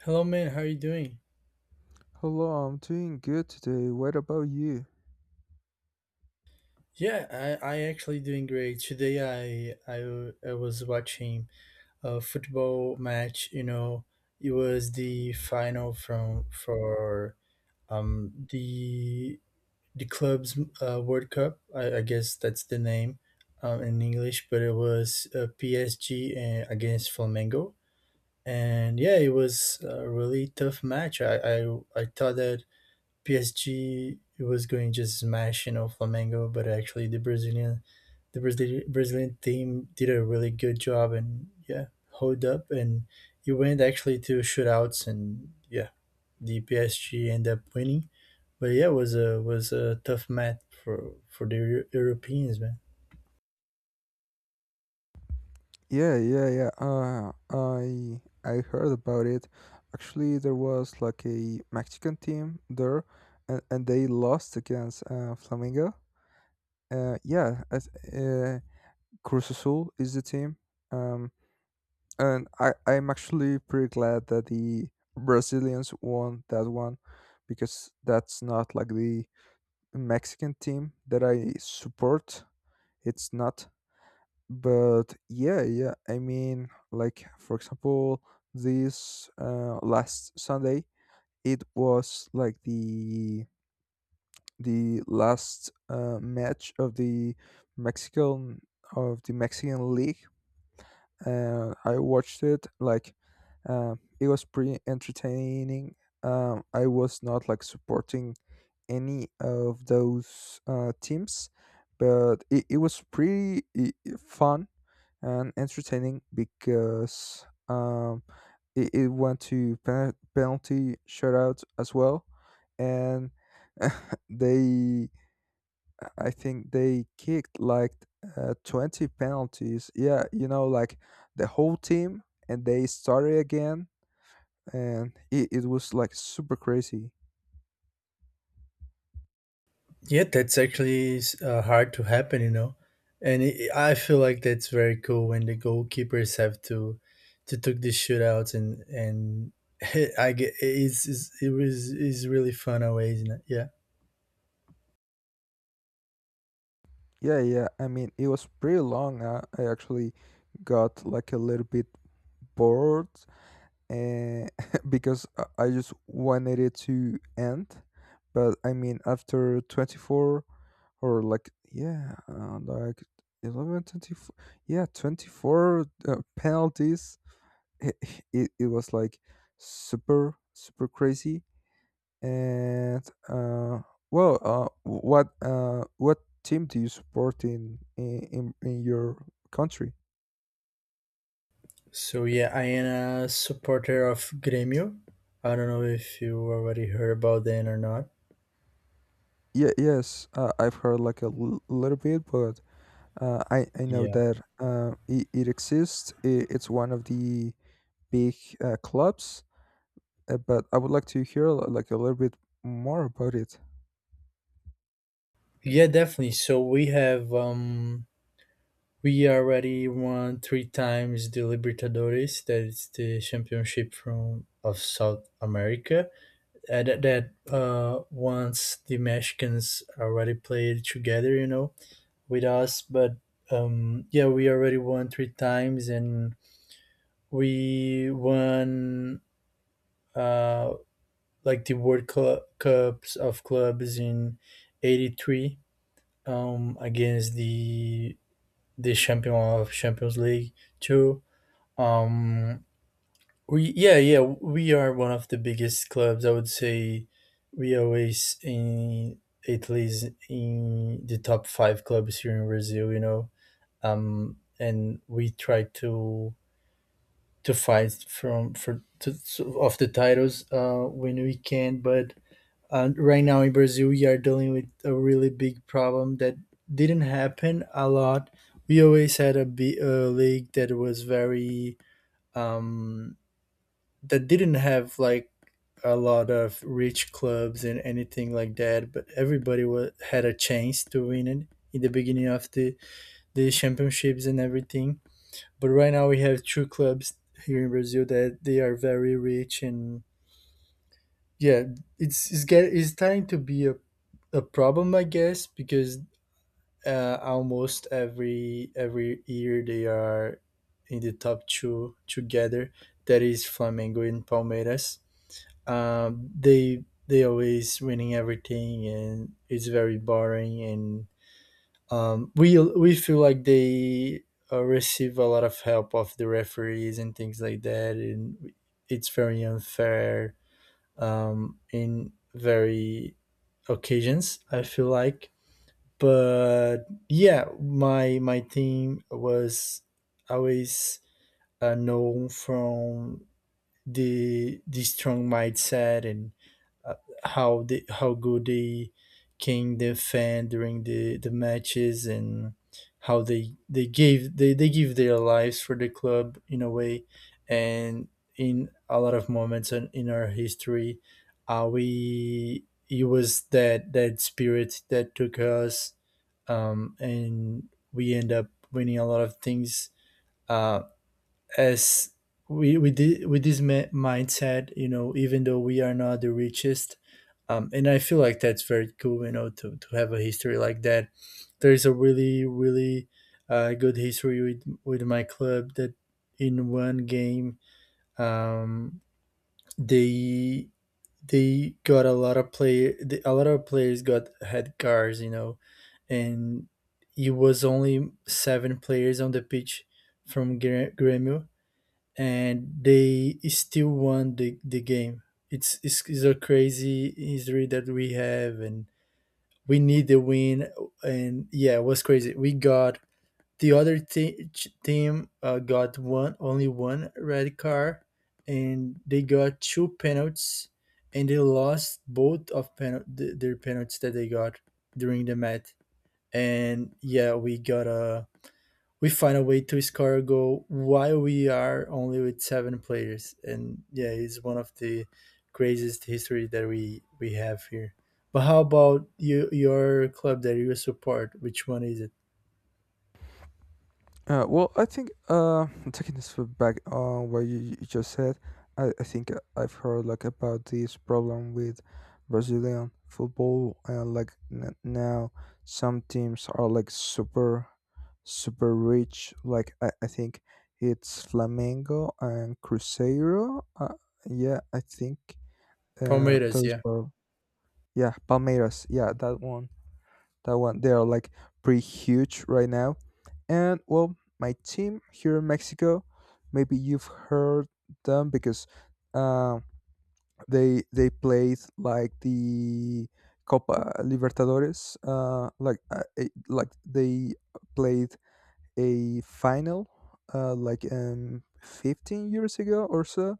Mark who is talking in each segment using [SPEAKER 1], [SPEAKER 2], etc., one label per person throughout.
[SPEAKER 1] Hello, man. How are you doing?
[SPEAKER 2] Hello, I'm doing good today. What about you?
[SPEAKER 1] Yeah, I actually doing great. Today, I was watching a football match. It was the final from for um the the club's World Cup. I guess that's the name in English, but it was PSG against Flamengo. And yeah, it was a really tough match. I thought that PSG was going to smash Flamengo, but actually the Brazilian team did a really good job, and yeah hold up, and it went actually to shootouts, and yeah the PSG ended up winning. But yeah, it was a tough match for the Europeans, man.
[SPEAKER 2] Yeah, yeah, yeah. I heard about it. Actually, there was like a Mexican team there, and they lost against Flamengo. Yeah, uh, Cruz Azul is the team. Um, and I'm actually pretty glad that the Brazilians won that one, because that's not like the Mexican team that I support. It's not. But yeah, yeah, I mean, like for example this last Sunday it was like the last match of the mexican mexican league. I watched it like. It was pretty entertaining. I was not like supporting any of those teams, but it was pretty fun and entertaining because it went to penalty shootout as well, and they I think they kicked like 20 penalties. Yeah, like the whole team, and they started again, and it was like super crazy.
[SPEAKER 1] Yeah, that's actually hard to happen, you know. And it, I feel like that's very cool when the goalkeepers have to take the shootouts and I get it's it was is really fun always, you know? Yeah.
[SPEAKER 2] Yeah, yeah. I mean, it was pretty long. I actually got like a little bit bored, uh, because I just wanted it to end. But I mean, after 24 or like, yeah, like 11, 24, yeah, 24 penalties, it, it was like super, super crazy. And, well, what team do you support in your country?
[SPEAKER 1] So yeah, I am a supporter of Grêmio. I don't know if you already heard about them or not.
[SPEAKER 2] Yeah, yes, I've heard like a little bit, but I know
[SPEAKER 1] Yeah.
[SPEAKER 2] that it exists. It's one of the big clubs, but I would like to hear like a little bit more about it.
[SPEAKER 1] Yeah, definitely. So we have we already won three times the Libertadores, that is the championship from of South America. That that once the Mexicans already played together, you know, with us. But yeah, we already won three times, and we won uh, like the Cups of clubs in '83 against the champion of Champions League too. Um, we we are one of the biggest clubs, I would say. We always in at least in the top five clubs here in Brazil, you know. And we try to fight from for to of the titles when we can. But right now in Brazil, we are dealing with a really big problem that didn't happen a lot. We always had a league that was very um that didn't have like a lot of rich clubs and anything like that, but everybody was, had a chance to win it in the beginning of the championships and everything. But right now we have two clubs here in Brazil that they are very rich, and yeah, it's get it's starting to be a problem, I guess, because almost every year they are in the top two together. That is Flamengo and Palmeiras. They always winning everything, and it's very boring. And we feel like they receive a lot of help of the referees and things like that, and it's very unfair in very occasions, I feel like. But yeah, my team was always known from the strong mindset, and uh, how good they can defend during the matches, and how they give their lives for the club in a way. And in a lot of moments in our history, we it was that that spirit that took us. And we end up winning a lot of things, uh, as we with this mindset, you know, even though we are not the richest. And I feel like that's very cool, you know, to have a history like that. There's a really really good history with my club. That in one game, um, they they got a lot of players got had cars, you know. And it was only seven players on the pitch from Grêmio, and they still won the game. It's it's a crazy history that we have, and we need the win. And yeah, it was crazy. We got the other team got one only one red card, and they got two penalties, and they lost both of their penalties that they got during the match. And yeah, we got a we find a way to score a goal while we are only with seven players. And yeah, it's one of the craziest history that we have here. But how about you, your club that you support? Which one is it?
[SPEAKER 2] Well, I think taking this back on what you just said, I think I've heard like about this problem with Brazilian football, and like now some teams are like super super rich. Like I think it's Flamengo and Cruzeiro. Yeah, I think
[SPEAKER 1] Palmeiras,
[SPEAKER 2] those
[SPEAKER 1] yeah.
[SPEAKER 2] are yeah, Palmeiras. Yeah, that one. That one. They are like pretty huge right now. And well, my team here in Mexico, maybe you've heard them because uh, they played like the Copa Libertadores. Like like they played a final, like 15 years ago or so.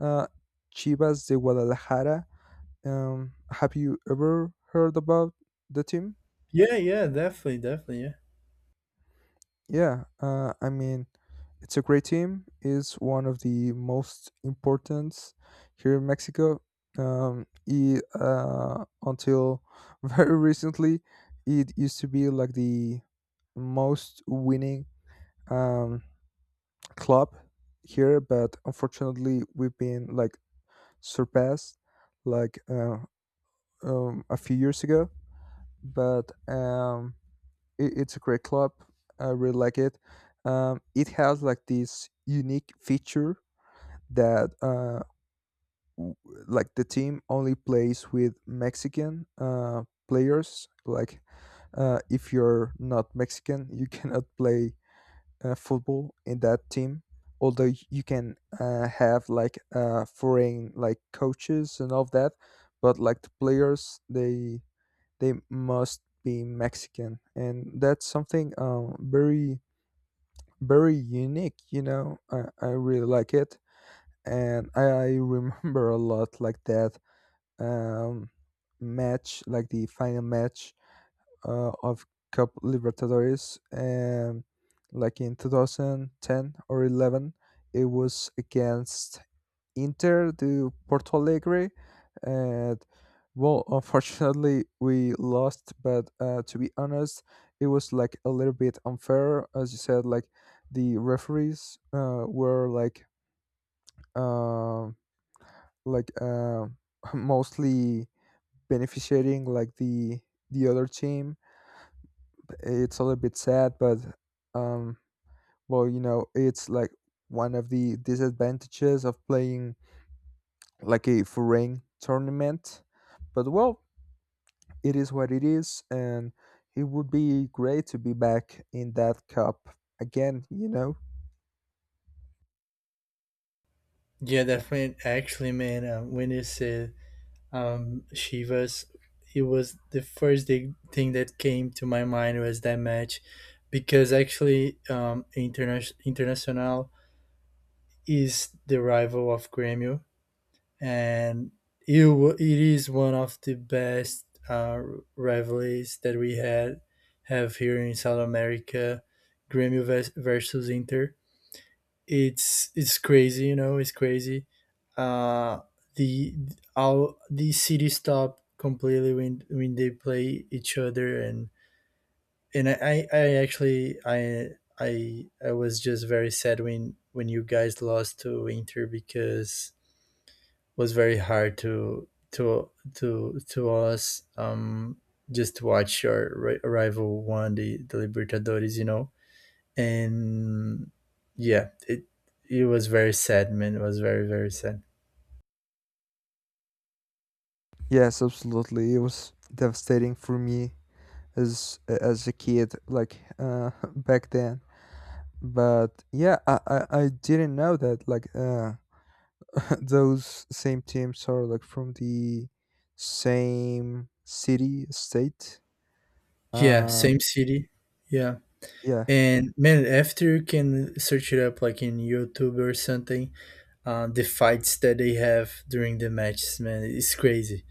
[SPEAKER 2] Uh, Chivas de Guadalajara. Have you ever heard about the team?
[SPEAKER 1] Yeah, definitely, yeah.
[SPEAKER 2] Yeah, I mean, it's a great team. It's one of the most important here in Mexico. Until very recently, it used to be like the most winning um, club here, but unfortunately, we've been like surpassed like a few years ago. But it's a great club. I really like it. It has like this unique feature that w- like the team only plays with Mexican players. Like if you're not Mexican, you cannot play football in that team. Although you can have like foreign like coaches and all that, but like the players, they must be Mexican, and that's something very very unique. You know, I really like it, and I remember a lot like that um, match, like the final match of Cup Libertadores, like in 2010 or 11. It was against Inter de Porto Alegre, and well, unfortunately, we lost. But to be honest, it was like a little bit unfair, as you said. Like the referees were um like mostly beneficiating like the other team. It's a little bit sad, but um, well, it's like one of the disadvantages of playing like a foreign tournament. But well, it is what it is, and it would be great to be back in that cup again. You know.
[SPEAKER 1] Yeah, definitely. Actually, man, when you said Shivas, it was the first thing that came to my mind was that match, because actually Internacional is the rival of Grêmio, and it is one of the best rivalries that we had have here in South America. Grêmio versus Inter. It's crazy, you know. It's crazy. Uh, the all the city stop completely when they play each other. And I actually I was just very sad when you guys lost to Inter, because was very hard to to us, just to watch your rival won the Libertadores, you know. And yeah, it was very sad, man. It was very very sad.
[SPEAKER 2] Yes, absolutely. It was devastating for me as a kid, like back then. But yeah, I didn't know that like those same teams are like from the same city state
[SPEAKER 1] Yeah,
[SPEAKER 2] um
[SPEAKER 1] same city. Yeah.
[SPEAKER 2] yeah,
[SPEAKER 1] And man, after you can search it up like in YouTube or something, the fights that they have during the matches, man, it's crazy.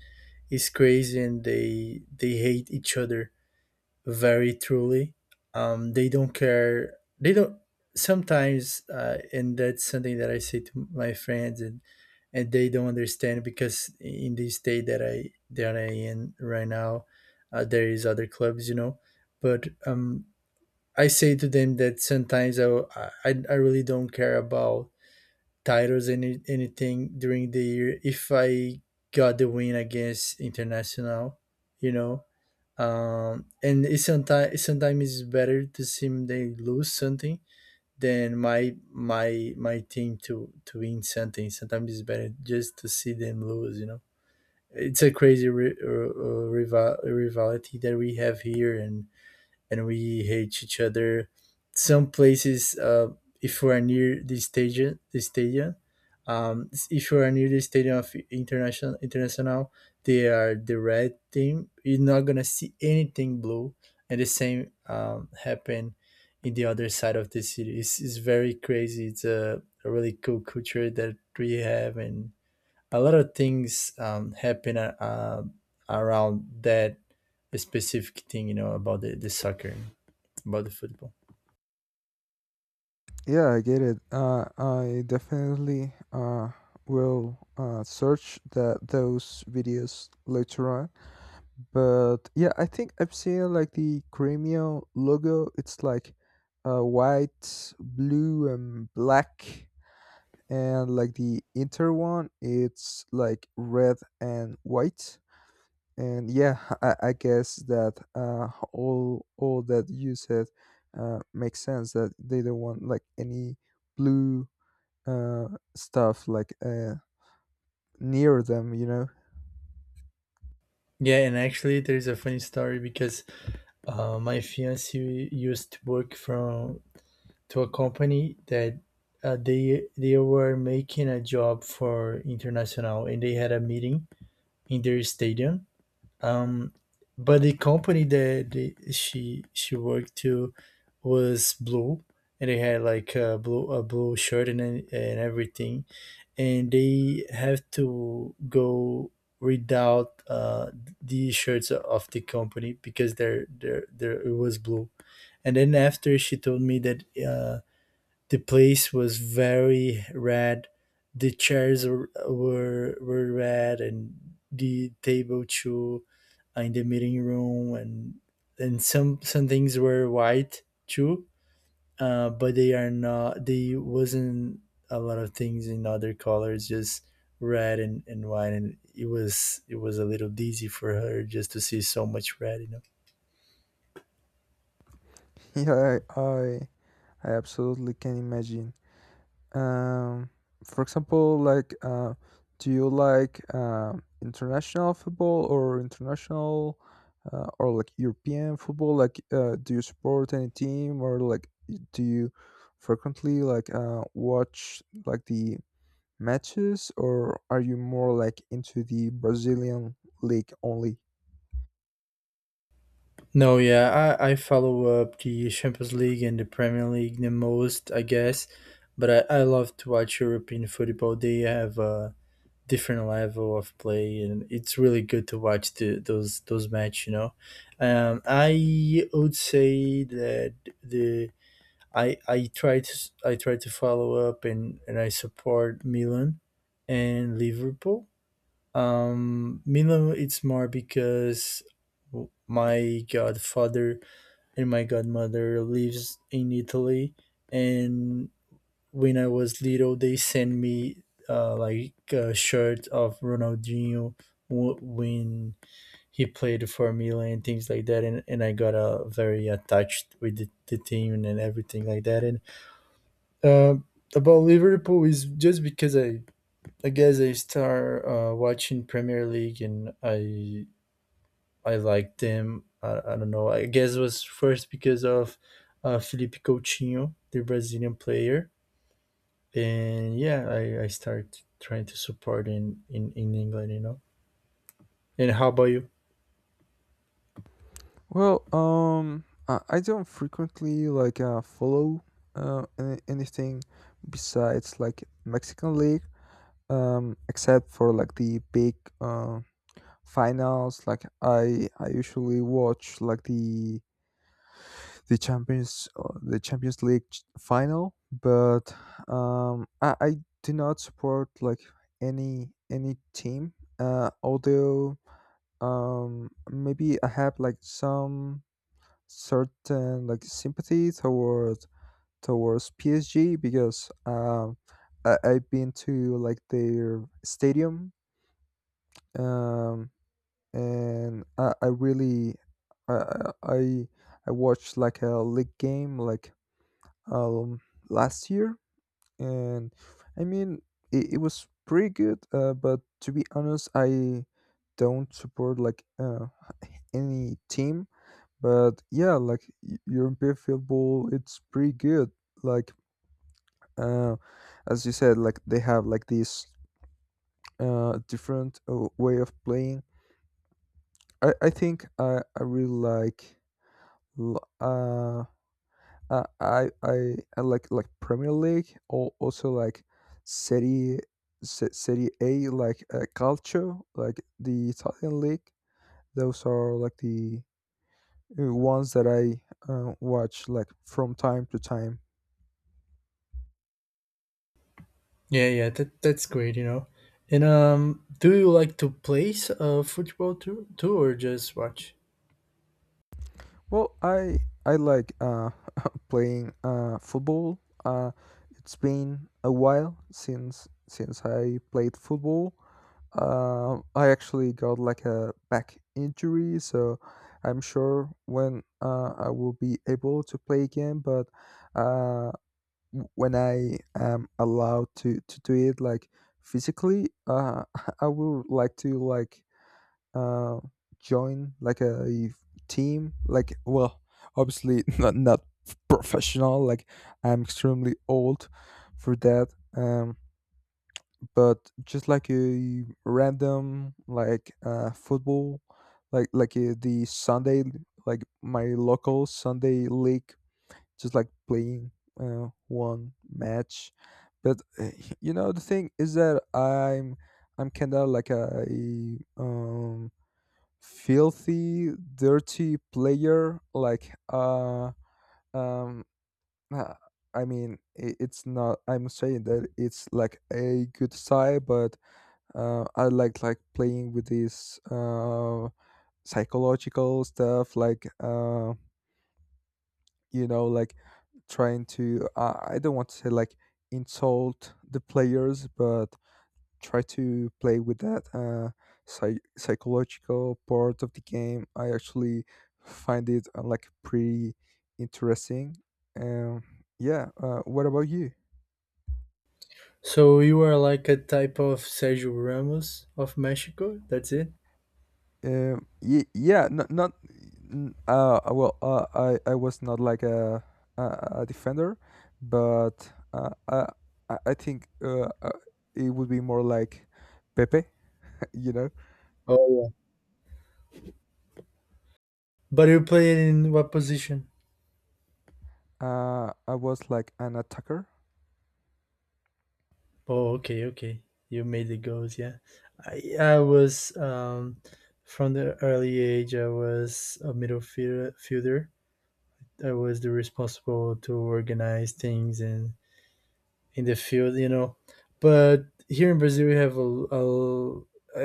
[SPEAKER 1] It's crazy, and they hate each other very truly. They don't care. They don't. Sometimes, and that's something that I say to my friends, and they don't understand because in the state that I in right now, there is other clubs, you know. But I say to them that sometimes I really don't care about titles anything during the year, if I got the win against International, you know. And it's sometimes sometimes it's better to see they lose something than my team to win something. Sometimes it's better just to see them lose, you know. It's a crazy rivalry that we have here, and we hate each other. Some places, if we are near the stadium, if you are near the stadium of international, they are the red team. You're not gonna see anything blue, and the same happen in the other side of the city. It's very crazy. It's a really cool culture that we have, and a lot of things happen around that specific thing. You know, about the soccer, about the football.
[SPEAKER 2] yeah, I get it. I definitely will search that those videos later on, but yeah, I think I've seen like the Crimea logo. It's like white, blue, and black, and like the Inter one it's like red and white. And yeah, I guess that all that you said makes sense that they don't want like any blue uh, stuff like near them.
[SPEAKER 1] Yeah, and actually, there's a funny story because my fiance used to work from to a company that they were making a job for international, and they had a meeting in their stadium. Um, but the company that the, she worked to was blue, and they had like a blue shirt and everything, and they have to go read out the shirts of the company because they're there there there it was blue. And then after, she told me that the place was very red, the chairs were red, and the table too, in the meeting room. And and some things were white too, but they are not. They wasn't a lot of things in other colors, just red and white, and it was a little dizzy for her just to see so much red, you know.
[SPEAKER 2] Yeah, I absolutely can imagine. Um, for example, like, do you like international football, or like European football? Like, do you support any team, or like do you frequently like watch like the matches, or are you more like into the Brazilian league only?
[SPEAKER 1] No, yeah, I follow up the Champions League and the Premier League the most, I guess, but I love to watch European football. They have a different level of play, and it's really good to watch those match, you know. I would say that the I I try to I try to follow up, and I support Milan and Liverpool. Milan it's more because my godfather and my godmother lives in Italy, and when I was little, they sent me like a shirt of Ronaldinho when he played for Milan and things like that. And I got very attached with the team and everything like that. And uh, about Liverpool is just because I guess I start watching Premier League, and I like them. I don't know. I guess it was first because of Felipe Coutinho, the Brazilian player. And yeah, I start trying to support in England, you know. And how about you?
[SPEAKER 2] Well, I don't frequently like follow anything besides like Mexican league, except for like the big uh, finals. Like I usually watch like the champions league final, but I do not support like any team, although maybe I have like some certain like sympathy towards PSG, because I've been to like their stadium, um and I really I I I I watched like a league game, like um last year, and I mean, it was pretty good, but to be honest, I don't support like any team. But yeah, like European football, it's pretty good. Like uh as you said, like they have like this different way of playing. I think I really l- uh, I like Premier League, or also like Serie Serie A, like Calcio, like the Italian league. Those are like the ones that I watch like from time to time.
[SPEAKER 1] Yeah, yeah, that that's great, you know. And do you like to play football too, or just watch?
[SPEAKER 2] Well, I like playing football. It's been a while since I played football. I actually got like a back injury, so I'm sure when I will be able to play again. But uh, when I am allowed to do it, like physically, I would like to like uh join like a team. Like, well, obviously not professional. Like, I'm extremely old for that. Um, but just like a random, like football, the Sunday, like my local Sunday league, just like playing one match. But you know the thing is that I'm kind of like a, um filthy dirty player, like um uh, I mean it's not I'm saying that it's like a good side, but I like playing with this psychological stuff, like you know, like trying to, I don't want to say like insult the players, but try to play with that psychological part of the game. I actually find it like pretty interesting. Um, yeah, what about you?
[SPEAKER 1] So you are like a type of Sergio Ramos of Mexico. That's it.
[SPEAKER 2] Yeah, Not. Not n- well. I was not like a a, a defender, but I think it would be more like Pepe. You know,
[SPEAKER 1] Oh yeah. But you played in what position?
[SPEAKER 2] I was like an attacker.
[SPEAKER 1] Oh, okay, okay. You made the goals, yeah. I was from the early age. I was a middle fielder. I was the responsible to organize things and in the field, you know. But here in Brazil, we have a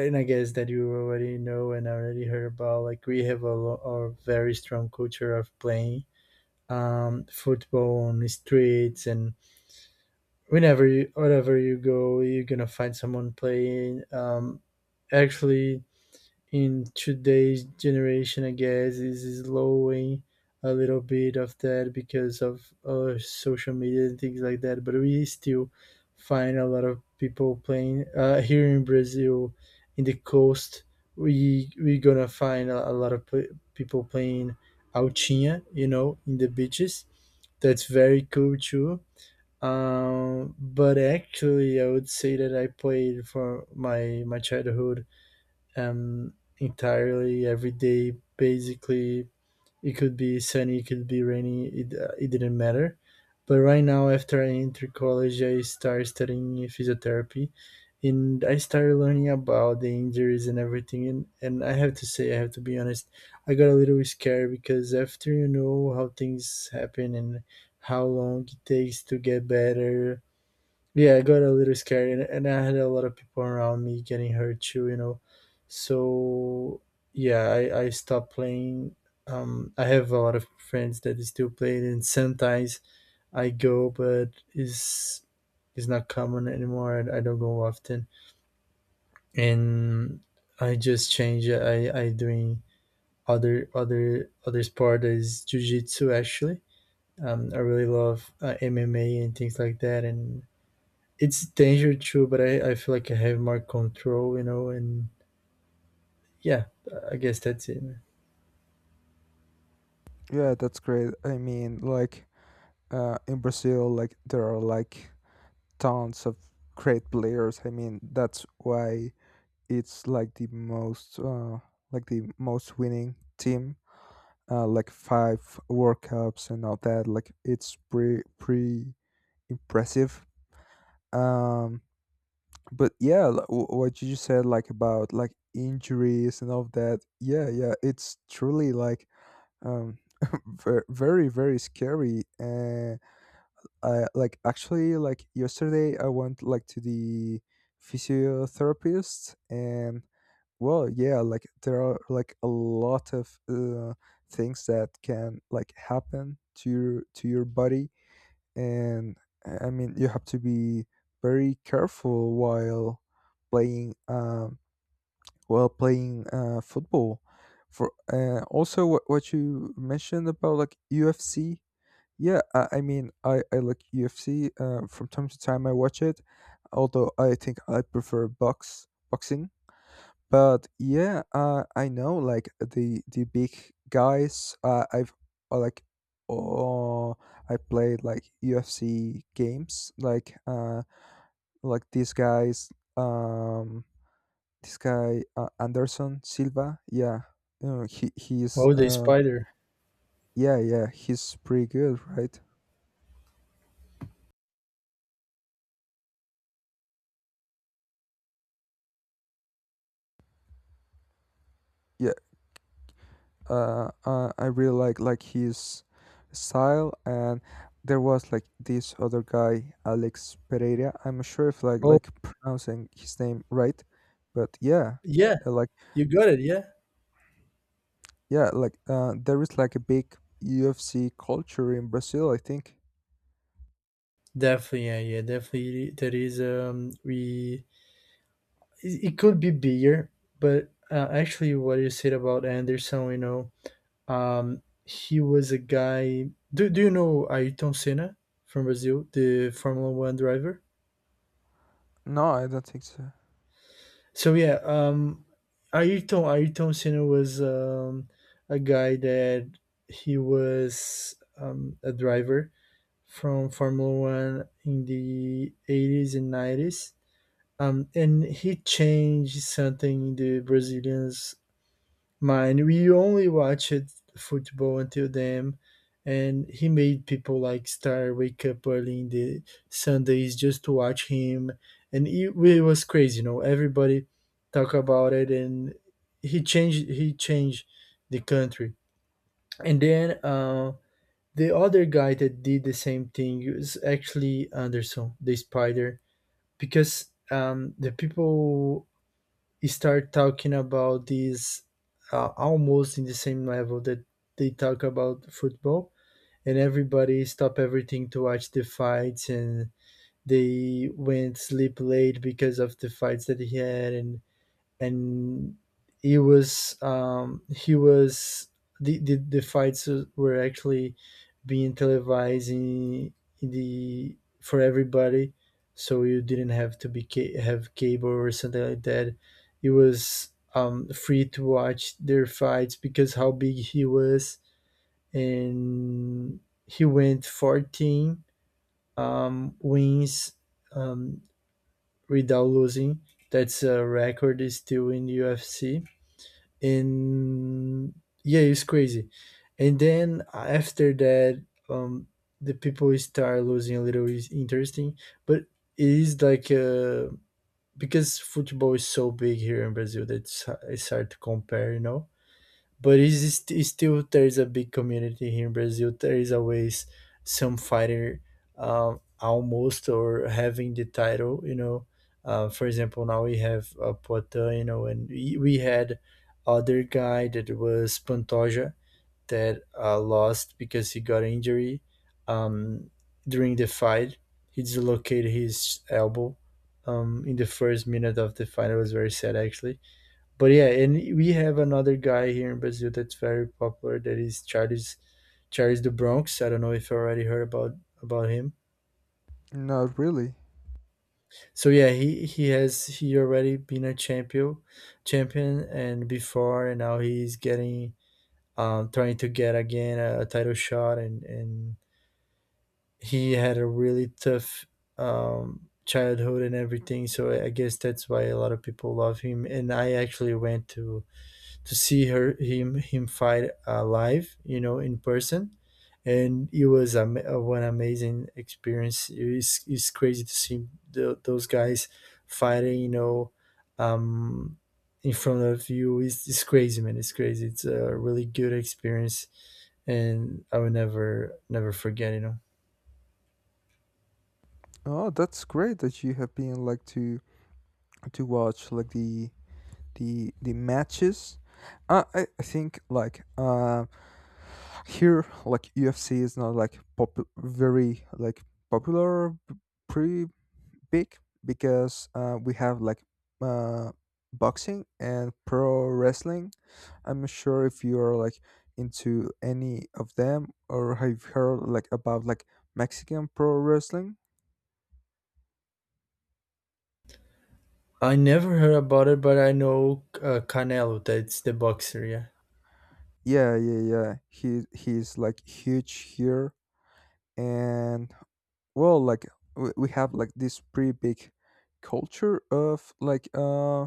[SPEAKER 1] and I guess that you already know and already heard about. Like we have a very strong culture of playing football on the streets, and wherever you go, you're gonna find someone playing. Actually, in today's generation, I guess, is slowing a little bit of that because of social media and things like that. But we still find a lot of people playing here in Brazil, in the coast. We're gonna find a lot of pl- people playing altinha, you know, in the beaches. That's very cool too. But I would say that I played for my childhood entirely every day. Basically, it could be sunny, it could be rainy. It didn't matter. But right now, after I entered college, I started studying physiotherapy, and I started learning about the injuries and everything. And I have to say, I have to be honest, I got a little scared because after you know how things happen and how long it takes to get better, yeah, it got a little scary, and I had a lot of people around me getting hurt too, you know. So yeah, I stopped playing. I have a lot of friends that still play, it, and sometimes I go, but it's not common anymore. I don't go often, and I just change. It. I doing other sport that is jujitsu actually. I really love MMA and things like that, and it's danger too, but I feel like I have more control, you know, and yeah, I guess that's it, man.
[SPEAKER 2] Yeah, that's great. I mean, like in Brazil, like there are like tons of great players. I mean, that's why it's like the most winning team, like five World Cups and all that. Like it's pretty pretty impressive. Um, but yeah, what you just said, like about like injuries and all that. Yeah, yeah, it's truly like um very very scary. And I like actually like yesterday I went like to the physiotherapist, and well, yeah, like there are like a lot of things that can like happen to your body, and I mean, you have to be very careful while playing, football. For also what you mentioned about like UFC, yeah, I mean, I like UFC, from time to time I watch it, although I think I prefer boxing, but yeah, I know like the big guys. I've like, oh, I played like UFC games. Like these guys. Um, this guy, Anderson Silva. Yeah, you know, he he's
[SPEAKER 1] Oh, the spider.
[SPEAKER 2] yeah, yeah, he's pretty good, right? I really like his style, and there was like this other guy, Alex Pereira. I'm not sure if like
[SPEAKER 1] Oh,
[SPEAKER 2] like pronouncing his name right, but yeah,
[SPEAKER 1] yeah,
[SPEAKER 2] like
[SPEAKER 1] you got it. Yeah,
[SPEAKER 2] yeah, like there is like a big UFC culture in Brazil, I think.
[SPEAKER 1] definitely. Yeah, yeah, definitely. That is, it could be bigger, but actually, what you said about Anderson, you know, he was a guy. Do you know Ayrton Senna from Brazil, the Formula One driver?
[SPEAKER 2] No, I don't think so.
[SPEAKER 1] So yeah, Ayrton Senna was a guy that he was a driver from Formula One in the 80s and nineties. And he changed something in the Brazilians mine. We only watched football until then, and he made people like Star wake up early in the Sundays just to watch him, and it was crazy. You know, everybody talk about it, and he changed the country. And then the other guy that did the same thing was actually Anderson, the Spider, because the people start talking about this almost in the same level that they talk about football, and everybody stop everything to watch the fights, and they went sleep late because of the fights that he had, and he was the the fights were actually being televised in the for everybody, so you didn't have to have cable or something like that. It was free to watch their fights because how big he was, and he went 14 wins um, without losing. That's a record is still in the UFC, and yeah, it's crazy. And then after that, the people start losing a little, is interesting, but it is like because football is so big here in Brazil that it's hard to compare, you know. But it's still there's a big community here in Brazil. There is always some fighter almost or having the title, you know. For example, now we have Poitin, you know, and we had other guy that was Pantoja that lost because he got injury um, during the fight. He dislocated his elbow in the first minute of the fight. It was very sad, actually, but yeah, and we have another guy here in Brazil that's very popular. That is Charles do Bronx. I don't know if you already heard about him.
[SPEAKER 2] Not really.
[SPEAKER 1] So yeah, he already been a champion and before, and now he's getting trying to get again a title shot, and he had a really tough childhood and everything. So I guess that's why a lot of people love him. And I actually went to see her him him fight live, you know, in person. And it was one amazing experience. It's crazy to see those guys fighting, you know, um, in front of you. It's crazy, man. It's crazy. It's a really good experience, and I will never forget. You know,
[SPEAKER 2] Oh, that's great that you have been like to watch like the matches. I think like here like UFC is not like pop very like popular, pretty big, because we have like uh, boxing and pro wrestling. I'm not sure if you are like into any of them, or have you heard like about like Mexican pro wrestling?
[SPEAKER 1] I never heard about it, but I know Canelo. That's the boxer. Yeah.
[SPEAKER 2] Yeah, yeah, yeah, he's like huge here, and well, like we have like this pretty big culture of like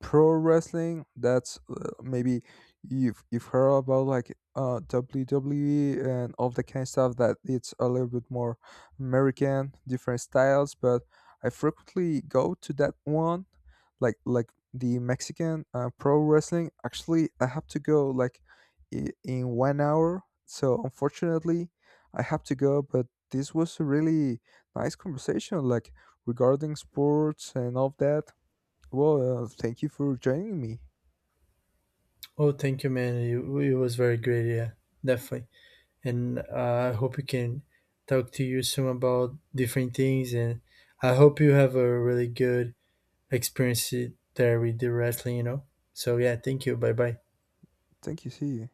[SPEAKER 2] pro wrestling. That's maybe you've heard about, like WWE and all the kind of stuff, that it's a little bit more American, different styles. But I frequently go to that one, like the Mexican pro wrestling. Actually, I have to go, like in 1 hour, so unfortunately I have to go, but this was a really nice conversation, like regarding sports and all of that. Well, thank you for joining me.
[SPEAKER 1] Oh, thank you, man. It was very great. Yeah, definitely. And I hope we can talk to you soon about different things. And I hope you have a really good experience there with the wrestling. You know. So yeah, thank you. Bye bye.
[SPEAKER 2] Thank you. See you.